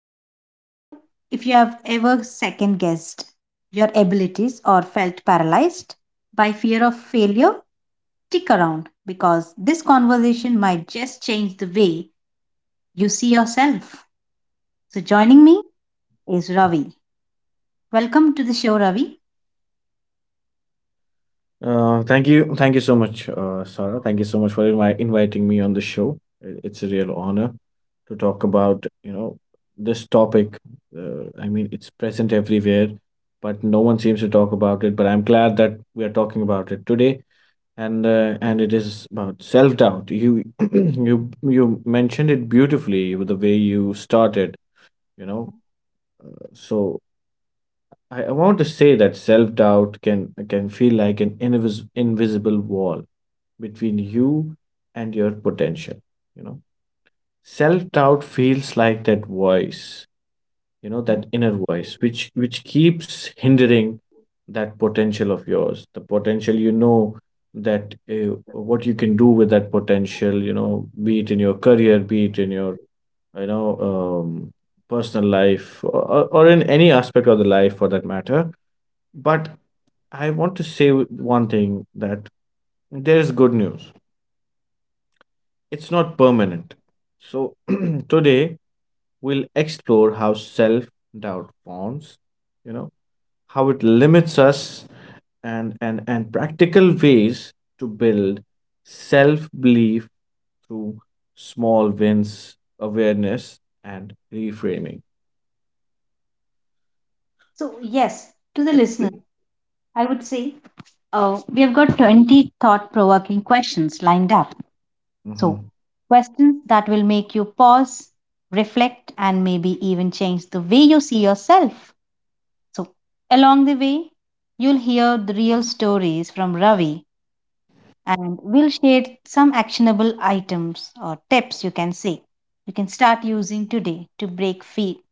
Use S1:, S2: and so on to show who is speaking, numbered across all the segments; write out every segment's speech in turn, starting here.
S1: So if you have ever second guessed your abilities or felt paralyzed by fear of failure, stick around because this conversation might just change the way you see yourself. So joining me is Ravi. Welcome to the show, Ravi.
S2: Thank you, thank you so much, Sarah. Thank you so much for inviting me on the show. It's a real honor to talk about, this topic. I mean, it's present everywhere, but no one seems to talk about it. But I'm glad that we are talking about it today, and it is about self-doubt. You you mentioned it beautifully with the way you started, you know. So I want to say that self doubt can feel like an invisible wall between you and your potential. You know, self doubt feels like that voice. That
S1: Mhm.
S2: inner voice which keeps hindering that potential of yours. The potential, that what you can do with that potential. Be it in your career, be it in your, you know um, personal life, or in any aspect of the life for that matter, but I want to say one thing: that there is good news. It's not permanent. So today we'll explore how self-doubt forms, you know, how it limits us, and practical ways to build self-belief through small wins, awareness and reframing.
S1: So yes, to the listener, I would say we have got 20 thought-provoking questions lined up. So,
S2: Hmm.
S1: questions that will make you pause, reflect, and maybe even change the way you see yourself. So, along the way, you'll hear the real stories from Ravi, and we'll share some actionable items or tips you can say you can start using today to break free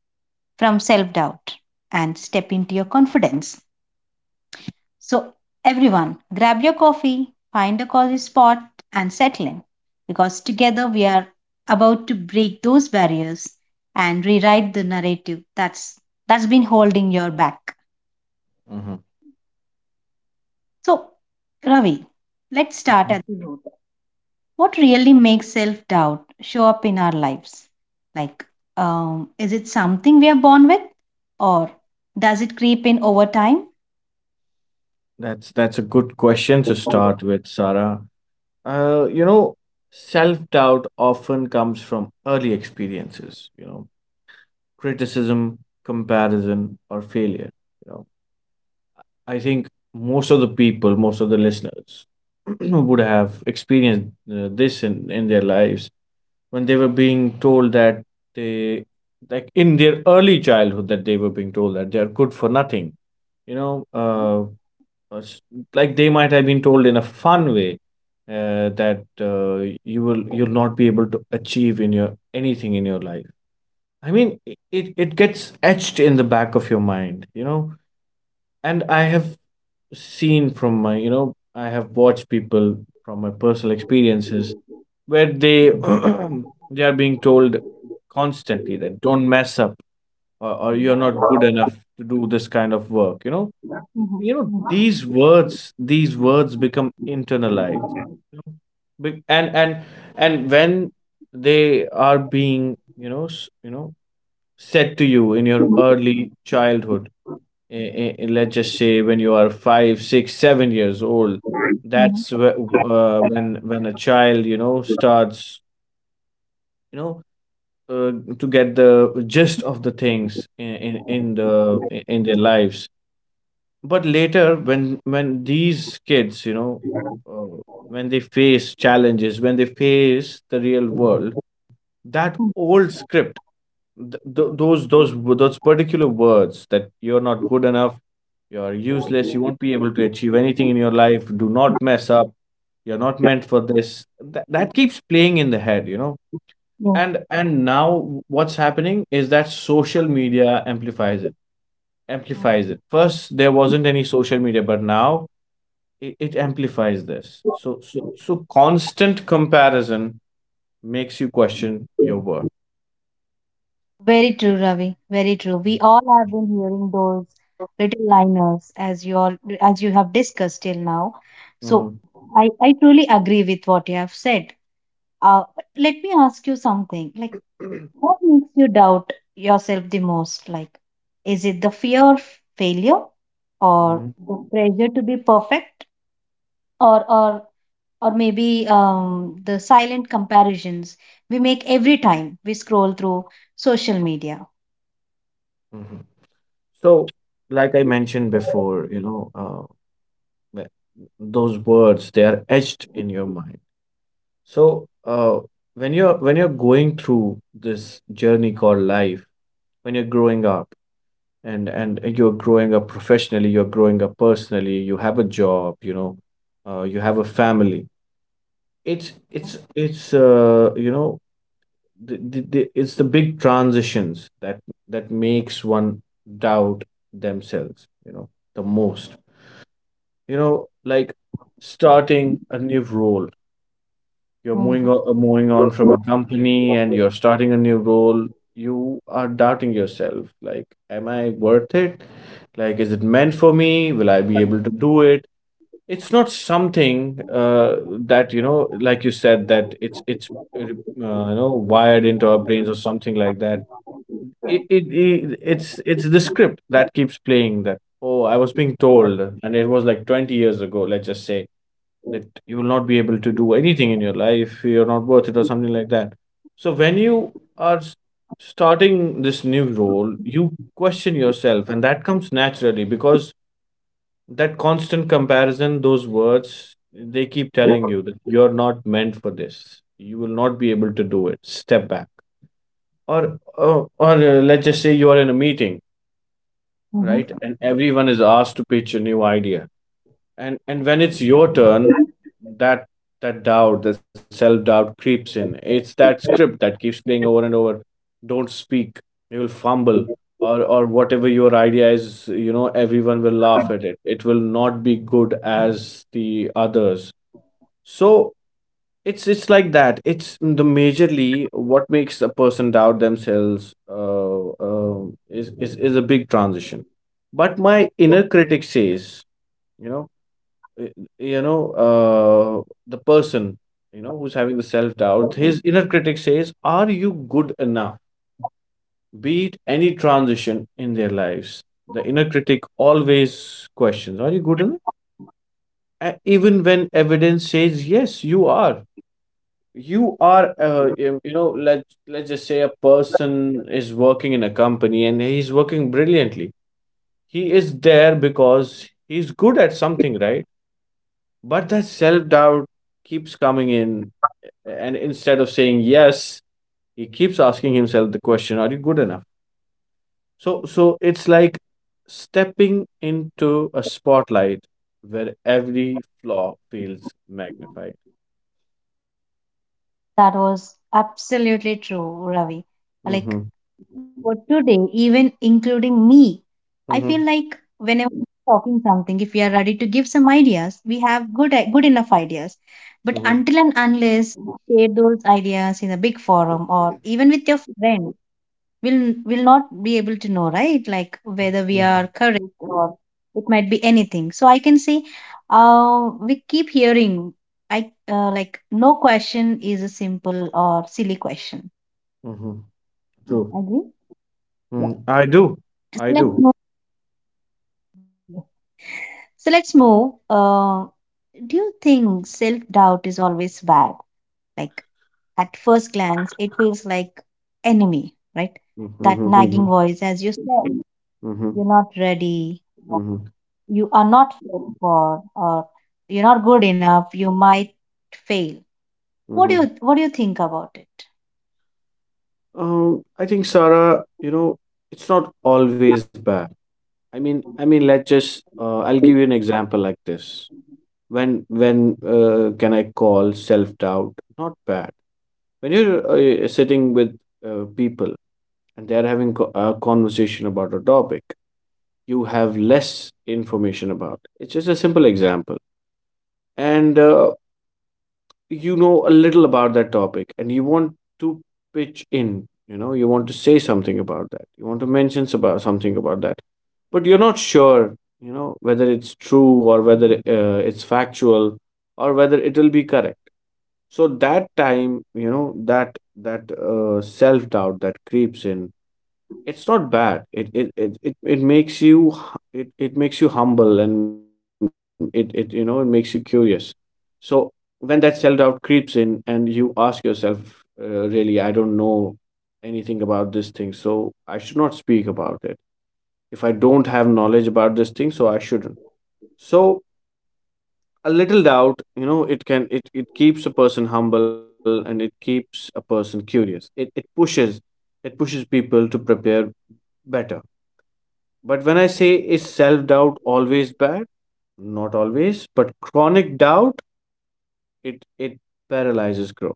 S1: from self doubt and step into your confidence. So, everyone, grab your coffee, find a cozy spot, and settle in because together we are about to break those barriers and rewrite the narrative that's been holding your back.
S2: Hmm.
S1: So, Ravi, let's start at the root. What really makes self-doubt show up in our lives? Like, is it something we are born with, or does it creep in over time?
S2: That's a good question to
S1: Mhm,
S2: start with, Sarah. Uh, you know, self doubt often comes from early experiences, criticism, comparison, or failure. You know, I think most of the people, most of the listeners would have experienced, this in their lives, when they were being told that they, like in their early childhood, that they were being told that they are good for nothing. You know, uh, uh, s- like they might have been told in a fun way, that you'll not be able to achieve in your anything in your life. I mean, it gets etched in the back of your mind. And I have watched people from my personal experiences, where they they are being told constantly that don't mess up, or you're not good enough to do this kind of work. These words become internalized you know? Be- and and and when they are being, said to you in your early childhood, let's just say when you are 5, 6, 7 years old.
S1: mhm,
S2: That's when a child, starts, you know uh, to get the gist of the things in their lives. But later, when these kids, uh, when they face challenges, when they face the real world, that old script, th- th- those those those particular words, that you're not good enough, you're useless, you won't be able to achieve anything in your life, do not mess up, you're not meant for this, that keeps playing in the head.
S1: yes.
S2: And now what's happening is that social media amplifies it, amplifies it. First there wasn't any social media, but now it amplifies this, so constant comparison makes you question your worth.
S1: Very true, Ravi. Very true. We all have been hearing those little liners as you all as you have discussed till now. So
S2: Hmm.
S1: I truly agree with what you have said. But let me ask you something. Like, what makes you doubt yourself the most? Like, is it the fear of failure, or
S2: Hmm.
S1: the pressure to be perfect, or maybe the silent comparisons we make every time we scroll through social media?
S2: Hmm. So, like I mentioned before, th- those words, they are etched in your mind. So, uh, when you're going through this journey called life, when you're growing up, and you're growing up professionally, you're growing up personally, you have a job, you have a family. It's you know It's the big transitions that makes one doubt themselves, the most, like starting a new role. You're
S1: Mm,
S2: moving on from a company and you're starting a new role. You are doubting yourself, like am I worth it? Like, is it meant for me? Will I be able to do it? It's not something, that, you know, like you said, that it's wired into our brains or something like that. It's the script that keeps playing. That, oh, I was being told, and it was like 20 years ago, let's just say, that you will not be able to do anything in your life, you're not worth it, or something like that. So when you are starting this new role, you question yourself, and that comes naturally, because that constant comparison, those words, they keep telling you that you're not meant for this, you will not be able to do it, step back. Or let's just say you're in a meeting, right,
S1: mhm.
S2: and everyone is asked to pitch a new idea, and when it's your turn, that that doubt, that self-doubt creeps in. It's that script that keeps playing over and over: don't speak, you will fumble, or whatever your idea is, everyone will laugh at it, it will not be good as the others. So it's like that, it's the majorly what makes a person doubt themselves, is a big transition. But my inner critic says, you know y- you know the person, who's having the self doubt, his inner critic says, are you good enough? Be it any transition in their lives, the inner critic always questions, are you good enough? Even when
S1: Yes.
S2: evidence says yes, you are, you are. Let's just say a person is working in a company and he's working brilliantly. He is there because he's good at something, right? But that self doubt keeps coming in, and instead of saying yes, he keeps asking himself the question, are you good enough? So it's like stepping into a spotlight where every flaw feels magnified.
S1: That was absolutely true, Ravi.
S2: Mm-hmm,
S1: Like for today, even including me, I
S2: mm-hmm,
S1: feel like whenever we're talking something, if we are ready to give some ideas, we have good enough ideas. But
S2: mm-hmm,
S1: until and unless you share those ideas in a big forum or even with your friend, we'll will not be able to know, right? Like whether we
S2: mm-hmm,
S1: are correct or it might be anything. So I can say we keep hearing, I like, no question is a simple or silly question.
S2: mm-hmm. True.
S1: Agree?
S2: Mm,
S1: Yeah.
S2: I do. I
S1: So
S2: do.
S1: move let's move. uh, do you think self doubt is always bad? Like, at first glance it feels like enemy, right?
S2: Mm-hmm,
S1: That
S2: mm-hmm, mm-hmm,
S1: nagging voice, as you said,
S2: mm-hmm,
S1: "You're not ready, you are not fit for," or "you're not good enough, you might fail." what do you
S2: mm-hmm.
S1: what do you think about it?
S2: I think, Sarah, it's not always bad. I mean, let's just I'll give you an example like this. When can I call self doubt not bad? When you're, sitting with, people, and they're having a conversation about a topic you have less information about. It's just a simple example. And, you know a little about that topic, and you want to pitch in, you want to say something about that, you want to mention about something about that, but you're not sure, whether it's true, or whether, it's factual, or whether it will be correct. So that time, that self doubt that creeps in, it's not bad. It makes you humble, and it makes you curious. So when that self doubt creeps in and you ask yourself, really, I don't know anything about this thing, so I should not speak about it. If I don't have knowledge about this thing, so I shouldn't. So a little doubt, it can, it keeps a person humble, and it keeps a person curious. It pushes people to prepare better. But when I say, is self doubt always bad? Not always, but chronic doubt, it paralyzes growth.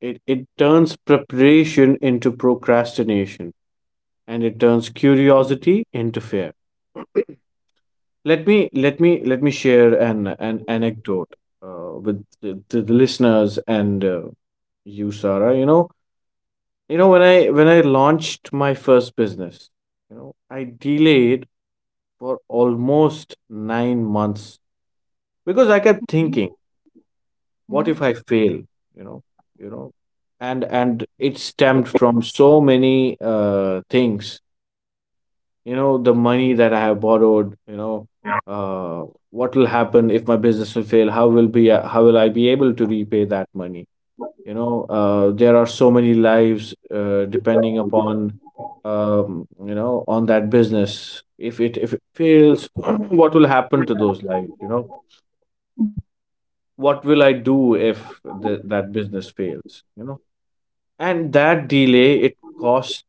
S2: It turns preparation into procrastination, and it turns curiosity into fear. Let me share an anecdote, to the listeners, and, you, Sarah. When I launched my first business, I delayed for almost 9 months because I kept
S1: Mhm,
S2: thinking, what if
S1: mhm,
S2: I fail? You know, you know, and it stemmed from so many, things: the money that I have borrowed, uh, what will happen if my business will fail, how will I be able to repay that money? There are so many lives, depending upon, on that business. If it fails, what will happen to those lives?
S1: mhm.
S2: What will I do if that business fails? And that delay, it cost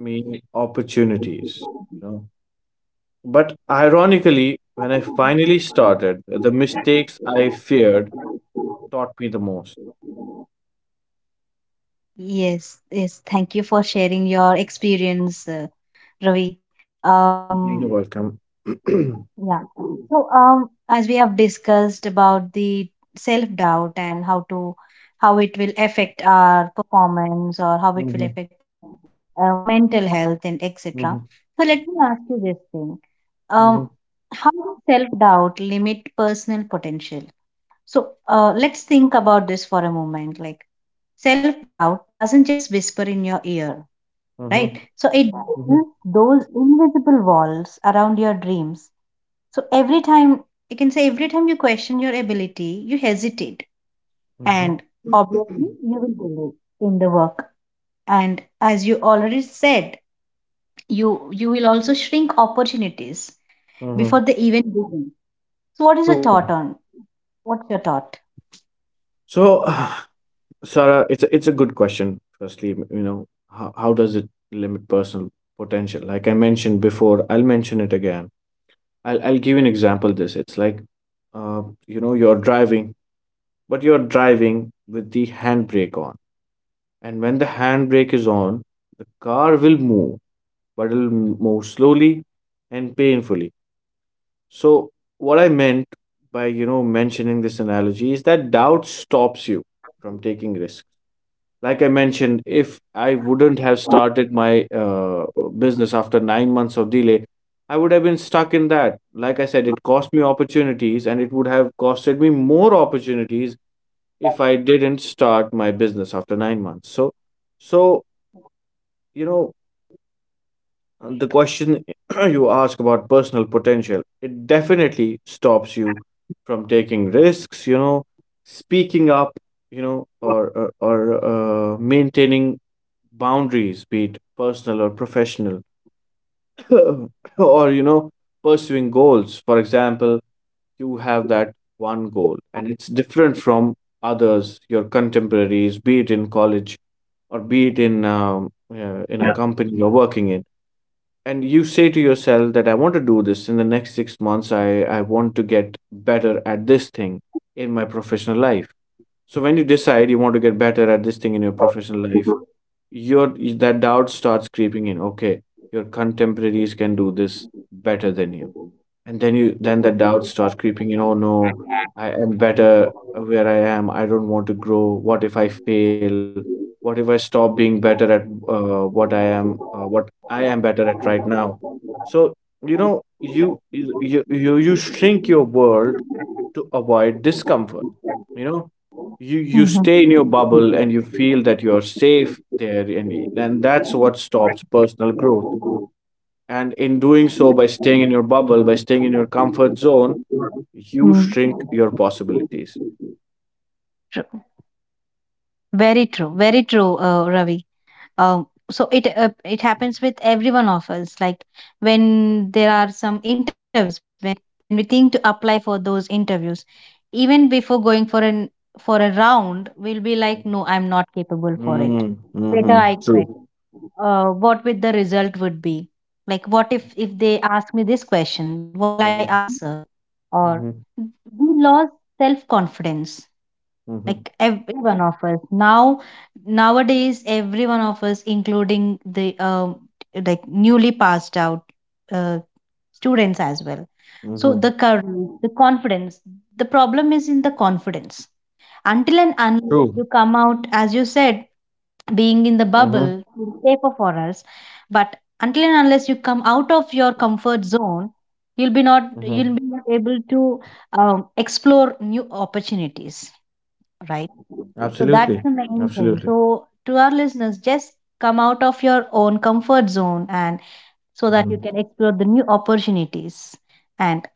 S2: me opportunities you know But ironically, when I finally started, the mistakes I feared taught me the most.
S1: Yes, yes, thank you for sharing your experience, Ravi. um
S2: You're welcome.
S1: Yeah. So, as we have discussed about the self doubt and how it will affect our performance or how it will
S2: Mhm,
S1: affect our mental health and etc.
S2: mhm,
S1: So, let me ask you this thing: um,
S2: mhm,
S1: how does self doubt limit personal potential? So, let's think about this for a moment. Like, self doubt doesn't just whisper in your ear, right?
S2: mhm,
S1: So it
S2: mhm,
S1: builds those invisible walls around your dreams. So every time, you can say, every time you question your ability, you hesitate.
S2: mhm,
S1: And
S2: mhm,
S1: obviously, you will delay in the work. And as you already said, you will also shrink opportunities
S2: mhm.
S1: before they even begin. So what is your
S2: True.
S1: thought on? What's your thought?
S2: So, Sarah, it's a good question. Firstly, how does it limit personal potential? Like I mentioned before, I'll mention it again. I'll give you an example. This it's like, you're driving, but you're driving with the handbrake on, and when the handbrake is on, the car will move, but it'll move slowly and painfully. So, what I meant by mentioning this analogy is that doubt stops you from taking risks. Like I mentioned, if I wouldn't have started my business after 9 months of delay, I would have been stuck in that. Like I said, it cost me opportunities, and it would have costed me more opportunities if I didn't start my business after 9 months. So you know And the question you ask about personal potential, it definitely stops you from taking risks, speaking up, or maintaining boundaries, be it personal or professional, or pursuing goals. For example, you have that one goal and it's different from others, your contemporaries, be it in college or be it in a company you're working in, and you say to yourself that I want to do this in the next 6 months. I want to get better at this thing in my professional life. So when you decide you want to get better at this thing in your professional life, your that doubt starts creeping in. Okay, your contemporaries can do this better than you, and then the doubts start creeping in. Oh no, I am better where I am. I don't want to grow. What if I fail? What if I stop being better at what I am better at right now? So you shrink your world to avoid discomfort. you know you stay in
S1: Mm-hmm.
S2: your bubble and you feel that you're safe there, and that's what stops personal growth. And in doing so, by staying in your bubble, by staying in your comfort zone, you shrink your possibilities.
S1: True. Very true. Very true, Ravi. So it happens with every one of us. Like when there are some interviews, when we think to apply for those interviews, even before going for a round, we'll be like, "No, I'm not capable for it.
S2: Mm,
S1: Better
S2: hmm,
S1: I
S2: true.
S1: quit. What with the result would be?" Like, "What if they ask me this question, what will I
S2: Mm-hmm.
S1: answer?" Or
S2: Mm-hmm.
S1: we lost self confidence.
S2: Mm-hmm.
S1: Like every one of us now, nowadays every one of us including the like newly passed out uh, students as well. So the
S2: Mm-hmm.
S1: courage, the confidence, the problem is in the confidence. Until and
S2: True.
S1: unless you come out, as you said,
S2: Mm-hmm.
S1: being in the bubble is safer for us. But until and unless you come out of your comfort zone,
S2: Mm-hmm.
S1: you'll be not able to explore new opportunities, right?
S2: Absolutely.
S1: So that's
S2: Absolutely.
S1: the main thing. So to our listeners, just come out of your own comfort zone and
S2: Mm-hmm.
S1: so that you can explore the new opportunities. And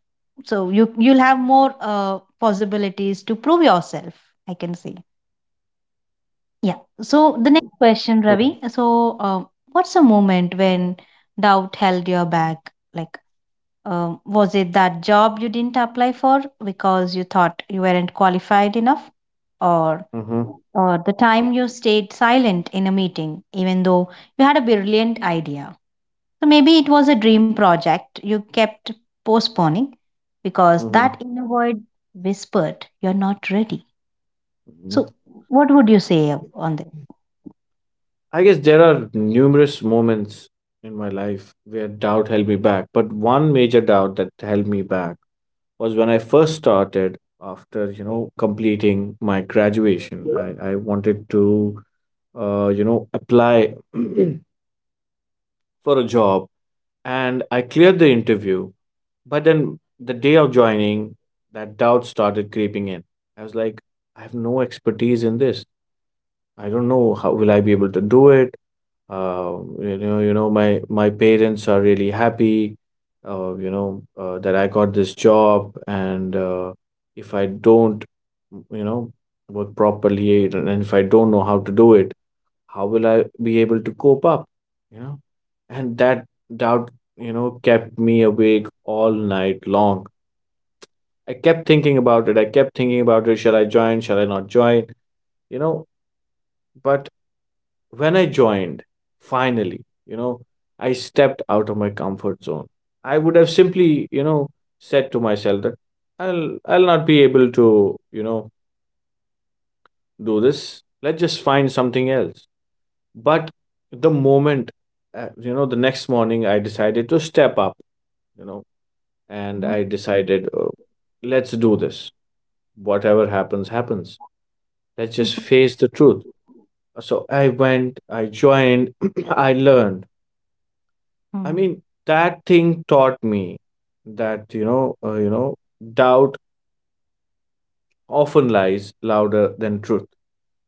S1: so you you'll have more possibilities to prove yourself, I can say. Yeah.
S2: True.
S1: So the next question, Ravi. So what's a moment when doubt held you back? Like, was it that job you didn't apply for because you thought you weren't qualified enough? Or,
S2: Mm-hmm.
S1: or the time you stayed silent in a meeting, even though you had a brilliant idea? So maybe it was a dream project you kept postponing because
S2: Mm-hmm.
S1: that inner voice whispered, "You're not ready."
S2: Mm-hmm.
S1: So, what would you say on this?
S2: I guess there are numerous moments in my life where doubt held me back, but one major doubt that held me back was when I first started after, completing my graduation. I wanted to, apply for a job, and I cleared the interview. But then the day of joining, that doubt started creeping in. I was like, I have no expertise in this. I don't know how will I be able to do it. My parents are really happy, that I got this job, and if I don't, you know, work properly, and if I don't know how to do it, how will I be able to cope up? You know, and that doubt kept me awake all night long. I kept thinking about it. I kept thinking about it. Shall I join? Shall I not join? You know, but when I joined, finally, I stepped out of my comfort zone. I would have simply said to myself that I'll not be able to do this. Let's just find something else. But the moment, you know, the next morning, I decided to step up, you know, and I
S1: Mhm.
S2: decided, let's do this. Whatever happens, happens. Let's just
S1: Mhm.
S2: face the truth. So I went, I joined, I learned. I
S1: Mm.
S2: mean, that thing taught me that doubt often lies louder than truth.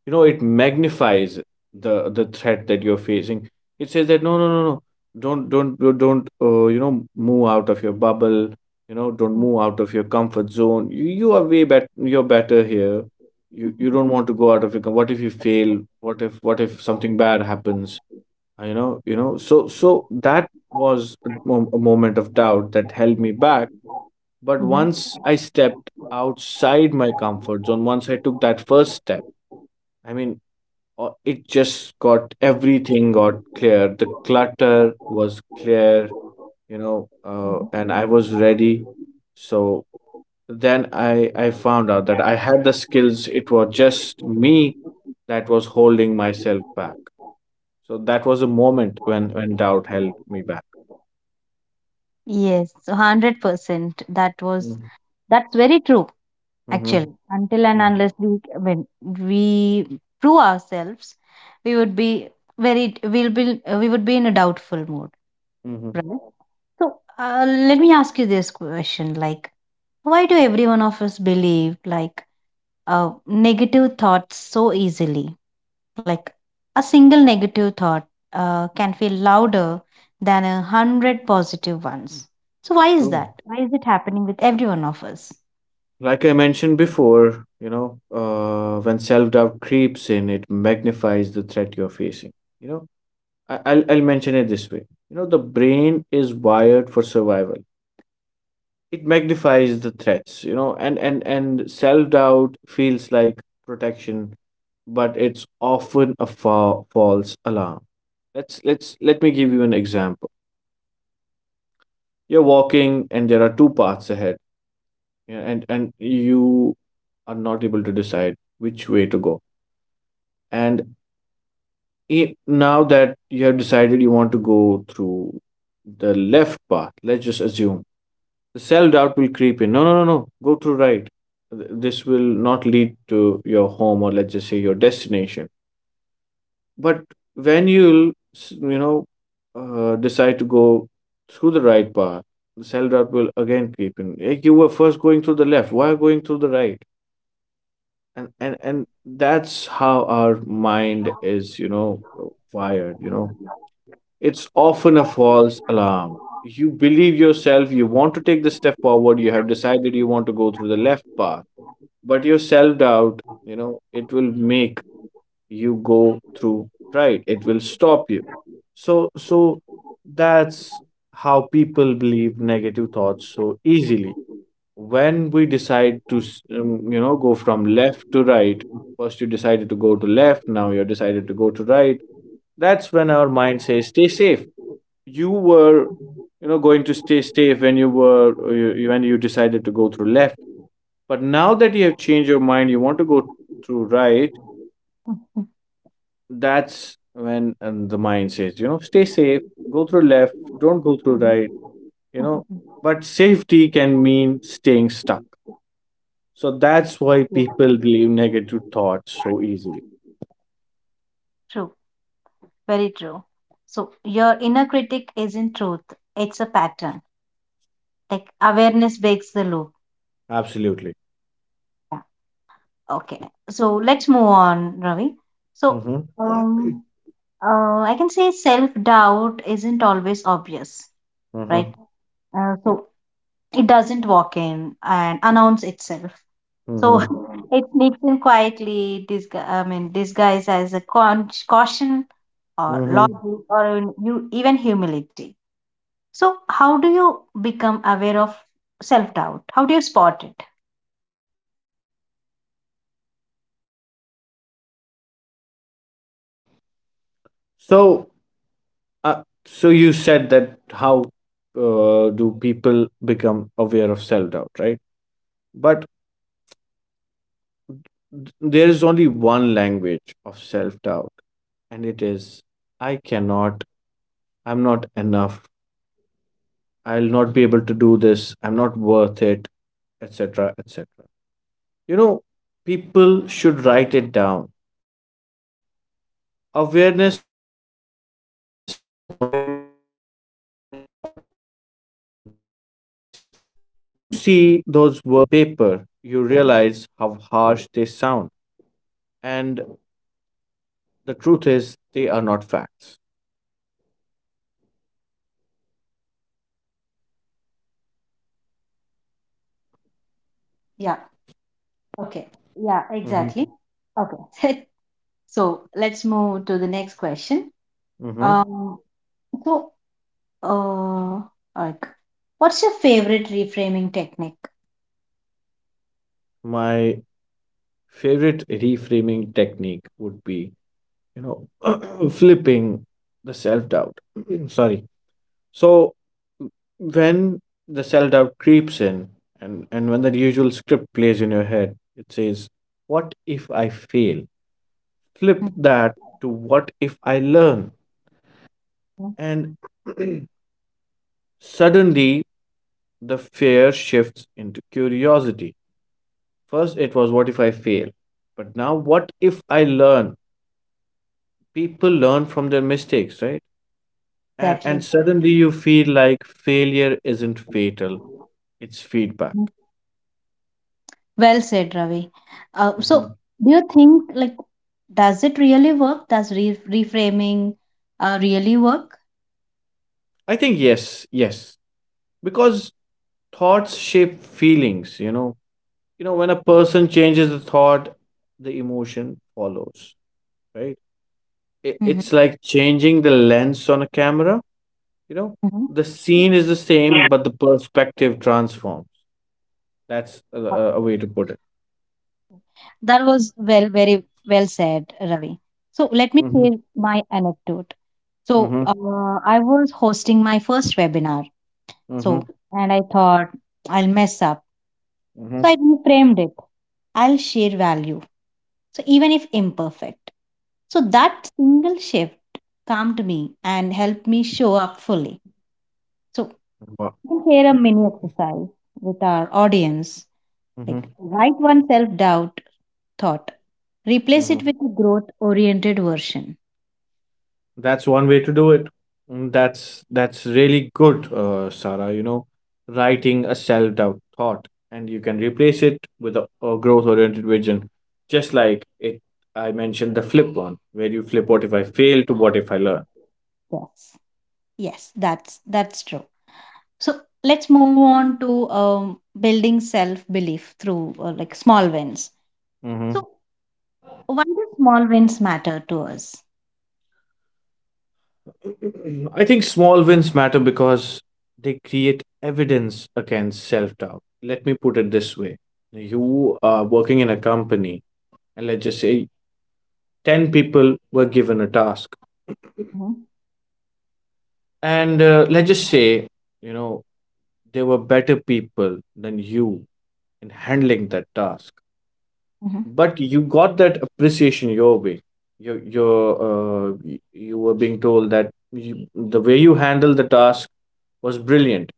S2: It magnifies the threat that you're facing. It says that no, no, no, no, don't, move out of your bubble. Don't move
S1: Mm.
S2: out of your comfort zone. You are way better. You're better here. You don't want to go out of your. What if you fail? What if something bad happens? I know, so that was a moment of doubt that held me back. But
S1: Mhm.
S2: once I stepped outside my comfort zone, once I took that first step, I mean, it just got everything got clear. The clutter was clear, and
S1: Mhm.
S2: I was ready. So then I found out that I had the skills. It was just me that was holding myself back. So that was a moment when doubt held me back.
S1: Yes, so, 100%. That was,
S2: Mm,
S1: that's very true
S2: mhm,
S1: actually. Until and
S2: mhm,
S1: unless we, when we prove ourselves, we would be very, we'll be, we would be in a doubtful mood,
S2: mhm.
S1: right? So let me ask you this question: like, why do every one of us believe like negative thoughts so easily? Like a single negative thought can feel louder than a hundred positive ones. So, why is
S2: True.
S1: that? Why is it happening with every one of us?
S2: Like I mentioned before, when self-doubt creeps in, it magnifies the threat you're facing. You know, I'll mention it this way. The brain is wired for survival. It magnifies the threats. And self-doubt feels like protection, but it's often a fa false alarm. Let me give you an example. You're walking, and there are two paths ahead, yeah, and you are not able to decide which way to go. And i- now that you have decided you want to go through the left path, let's just assume the self doubt will creep in. No, no, no, no, go through right. This will not lead to your home, or let's just say your destination. But when you'll s- you know decide to go through the right path, the self doubt will again creep in. "Eh, you were first going through the left. Why are you going through the right?" And that's how our mind is wired. It's often a false alarm. You believe yourself, you want to take the step forward, you have decided you want to go through the left path, but your self doubt, it will make you go through right, it will stop you. So that's how people believe negative thoughts so easily. When we decide to go from left to right, first you decided to go to left, now you decided to go to right. That's when our mind says stay safe. You were, going to stay safe when you were, when you decided to go through left. But now that you have changed your mind, you want to go through right. That's when and the mind says, stay safe, go through left, don't go through right. you know but safety can mean staying stuck. So that's why people believe negative thoughts so easily.
S1: True, very true. So, your inner critic isn't truth, it's a pattern. Like, awareness breaks the loop.
S2: Absolutely.
S1: Yeah. Okay. So, let's move on, Ravi. So,
S2: Mm-hmm.
S1: um, I can say self doubt isn't always obvious, right?
S2: Mm-hmm.
S1: So it doesn't walk in and announce itself. So,
S2: Mm-hmm.
S1: it sneaks in quietly, disguised as a caution or
S2: Mm-hmm.
S1: logic or even, even humility.
S2: Mm-hmm.
S1: So how do you become aware of self-doubt? How do you spot it?
S2: So, so you said that how do people become aware of self-doubt, right? But there is only one language of self-doubt, and it is: I cannot, I'm not enough, I'll not be able to do this, I'm not worth it, etc., etc. You know, people should write it down. Awareness turns automatic thoughts into conscious choices. When you see those words on paper, you realize how harsh they sound. And the truth is, they are not facts.
S1: Yeah. Okay. Yeah,
S2: Mhm,
S1: exactly. Okay. So let's move to the next question.
S2: mhm.
S1: um so uh like, what's your favorite reframing technique?
S2: My favorite reframing technique would be, you know, flipping the self doubt. Sorry. So when the self-doubt creeps in, and when the usual script plays in your head, it says, what if I fail? Flip
S1: Mhm.
S2: that to, what if I learn? And suddenly the fear shifts into curiosity. First it was, what if I fail? But now, what if I learn? People learn from their mistakes, right? And
S1: Exactly.
S2: suddenly you feel like failure isn't fatal, it's feedback.
S1: Mhm. Well said, Ravi. So,
S2: Mhm.
S1: do you think, like, does it really work? Does reframing really work?
S2: I think yes, yes, because thoughts shape feelings. When a person changes the thought, the emotion follows, right? It's
S1: Hmm.
S2: like changing the lens on a camera. you know
S1: Hmm.
S2: the scene is the
S1: Yeah.
S2: same, but the perspective transforms. That's a,
S1: Uh,
S2: a a way to put it.
S1: that was well, very well said, Ravi. So, let me
S2: Mm-hmm,
S1: share my anecdote. So,
S2: mm-hmm,
S1: I was hosting my first webinar.
S2: mm-hmm,
S1: So, and I thought I'll mess up.
S2: mm-hmm,
S1: So I reframed it. I'll share value. So even if imperfect. So that single shift calmed me and helped me show up fully. So
S2: wow.
S1: you can share a mini exercise with our audience. Like,
S2: Mm-hmm,
S1: write one self doubt thought. Replace it
S2: mm-hmm.
S1: with a growth oriented version.
S2: That's one way to do it. Mm, that's really good, Sarah. Writing a self-doubt thought, and you can replace it with a growth-oriented vision, just like it. I mentioned the flip one, where you flip "what if I fail" to "what if I learn."
S1: Yes. That's true. So let's move on to building self belief through like small wins.
S2: Mm-hmm.
S1: So why do small wins matter to us?
S2: I think small wins matter because they create evidence against self-doubt. Let me put it this way: you are working in a company, and let's just say 10 people were given a task.
S1: Mhm,
S2: And let's just say, you know, there were better people than you in handling that task.
S1: mhm,
S2: But you got that appreciation your way. You were being told that you, the way you handled the task, was brilliant.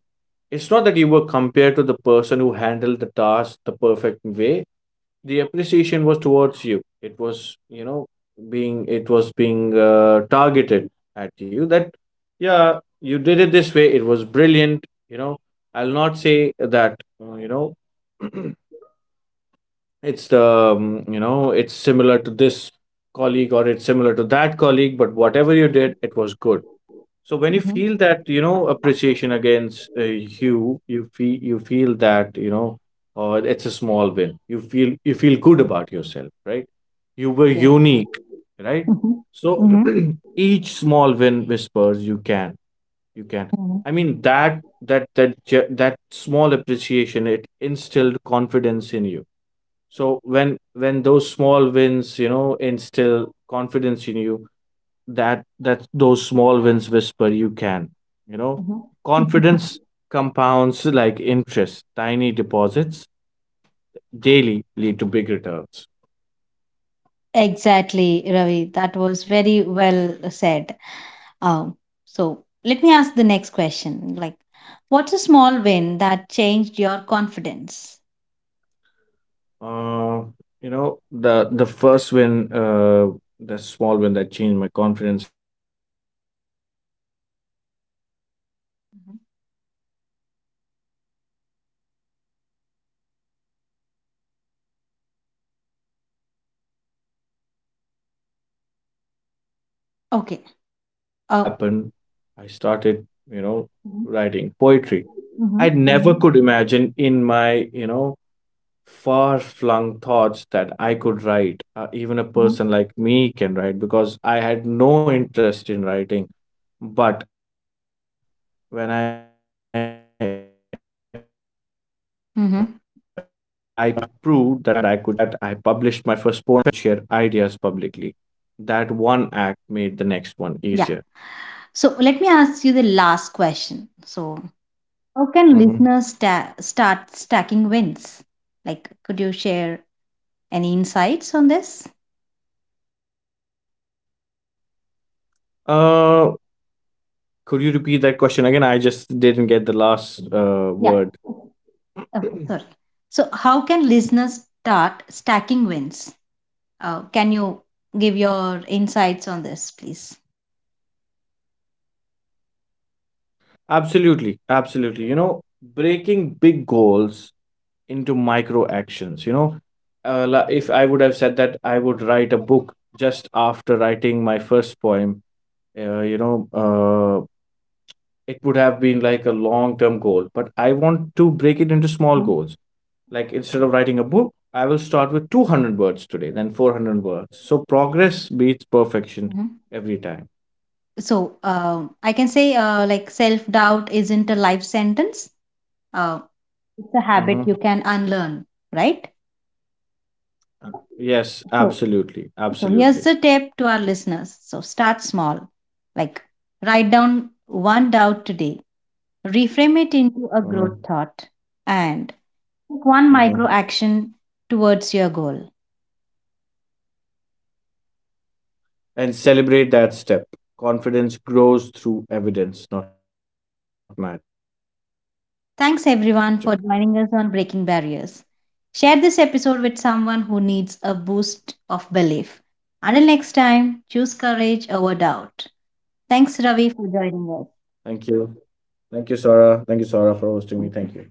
S2: It's not that you were compared to the person who handled the task the perfect way, the appreciation was towards you. It was, being, it was being, targeted at you, that yeah, you did it this way, it was brilliant. I'll not say that it's the it's similar to this colleague, or it's similar to that colleague, but whatever you did, it was good. So when you
S1: mhm.
S2: feel that, appreciation against you, feel you feel that, it's a small win. You feel good about yourself, right? You were
S1: Yes.
S2: unique, right?
S1: Mhm,
S2: So
S1: mhm,
S2: each small win whispers you can, you can.
S1: mhm,
S2: I mean that small appreciation, it instilled confidence in you. So when those small wins, instill confidence in you, that those small wins whisper you can. you know
S1: mhm. Mhm.
S2: Confidence compounds like interest, tiny deposits daily lead to big returns.
S1: Exactly, Ravi. That was very well said. Um, so let me ask the next question. Like, what's a small win that changed your confidence?
S2: uh you know The small win that changed my confidence was, I never thought I could write, right?
S1: Mhm.
S2: But I guess, uh think like 5 years ago, I started putting my thoughts on the paper.
S1: Okay.
S2: And when that
S1: Uh,
S2: happened, I started,
S1: mhm,
S2: writing poetry. I
S1: mhm,
S2: never
S1: mhm,
S2: could imagine in my, far flung thoughts that I could write. Even a
S1: mhm,
S2: person like me can write, because I had no interest in writing. But when I did that, I published my first poem. I mean,
S1: mhm.
S2: it wasn't perfect, but I proved that I could share ideas publicly. That one act made the next one easier.
S1: Yeah. So let me ask you the last question. So how can listeners
S2: Mhm.
S1: start stacking wins? Like, could you share any insights on this?
S2: Uh, Could you repeat that question again? I just didn't get the last
S1: Yeah.
S2: word.
S1: Okay, sorry. So, how can listeners start stacking wins? Can you give your insights on this, please?
S2: Absolutely, absolutely. Breaking big goals into micro actions. If I would have said that I would write a book just after writing my first poem, uh, you know, uh, it would have been like a long term goal. But I want to break it
S1: Mhm,
S2: into small goals. Like, instead of writing a book, I will start with 200 words today, then 400 words. So progress beats perfection
S1: mhm.
S2: every time.
S1: So, I can say, like, self doubt isn't a life sentence. Uh, it's a habit you
S2: Hmm.
S1: can unlearn, right?
S2: Yes,
S1: So,
S2: absolutely.
S1: so here's
S2: Absolutely.
S1: the tip to our listeners. So start small, like write down one doubt today, reframe it into a growth
S2: Mm-hmm.
S1: thought, and take one micro
S2: Mm-hmm.
S1: action towards your goal.
S2: And celebrate that step. Confidence grows through evidence, not magic.
S1: Thanks everyone for joining us on Breaking Barriers. Share this episode with someone who needs a boost of belief. Until next time, choose courage over doubt. Thanks, Ravi, for joining us.
S2: Thank you. Thank you, Sarah. Thank you, Sarah, for hosting me.
S1: Thank
S2: Thank you.
S1: you.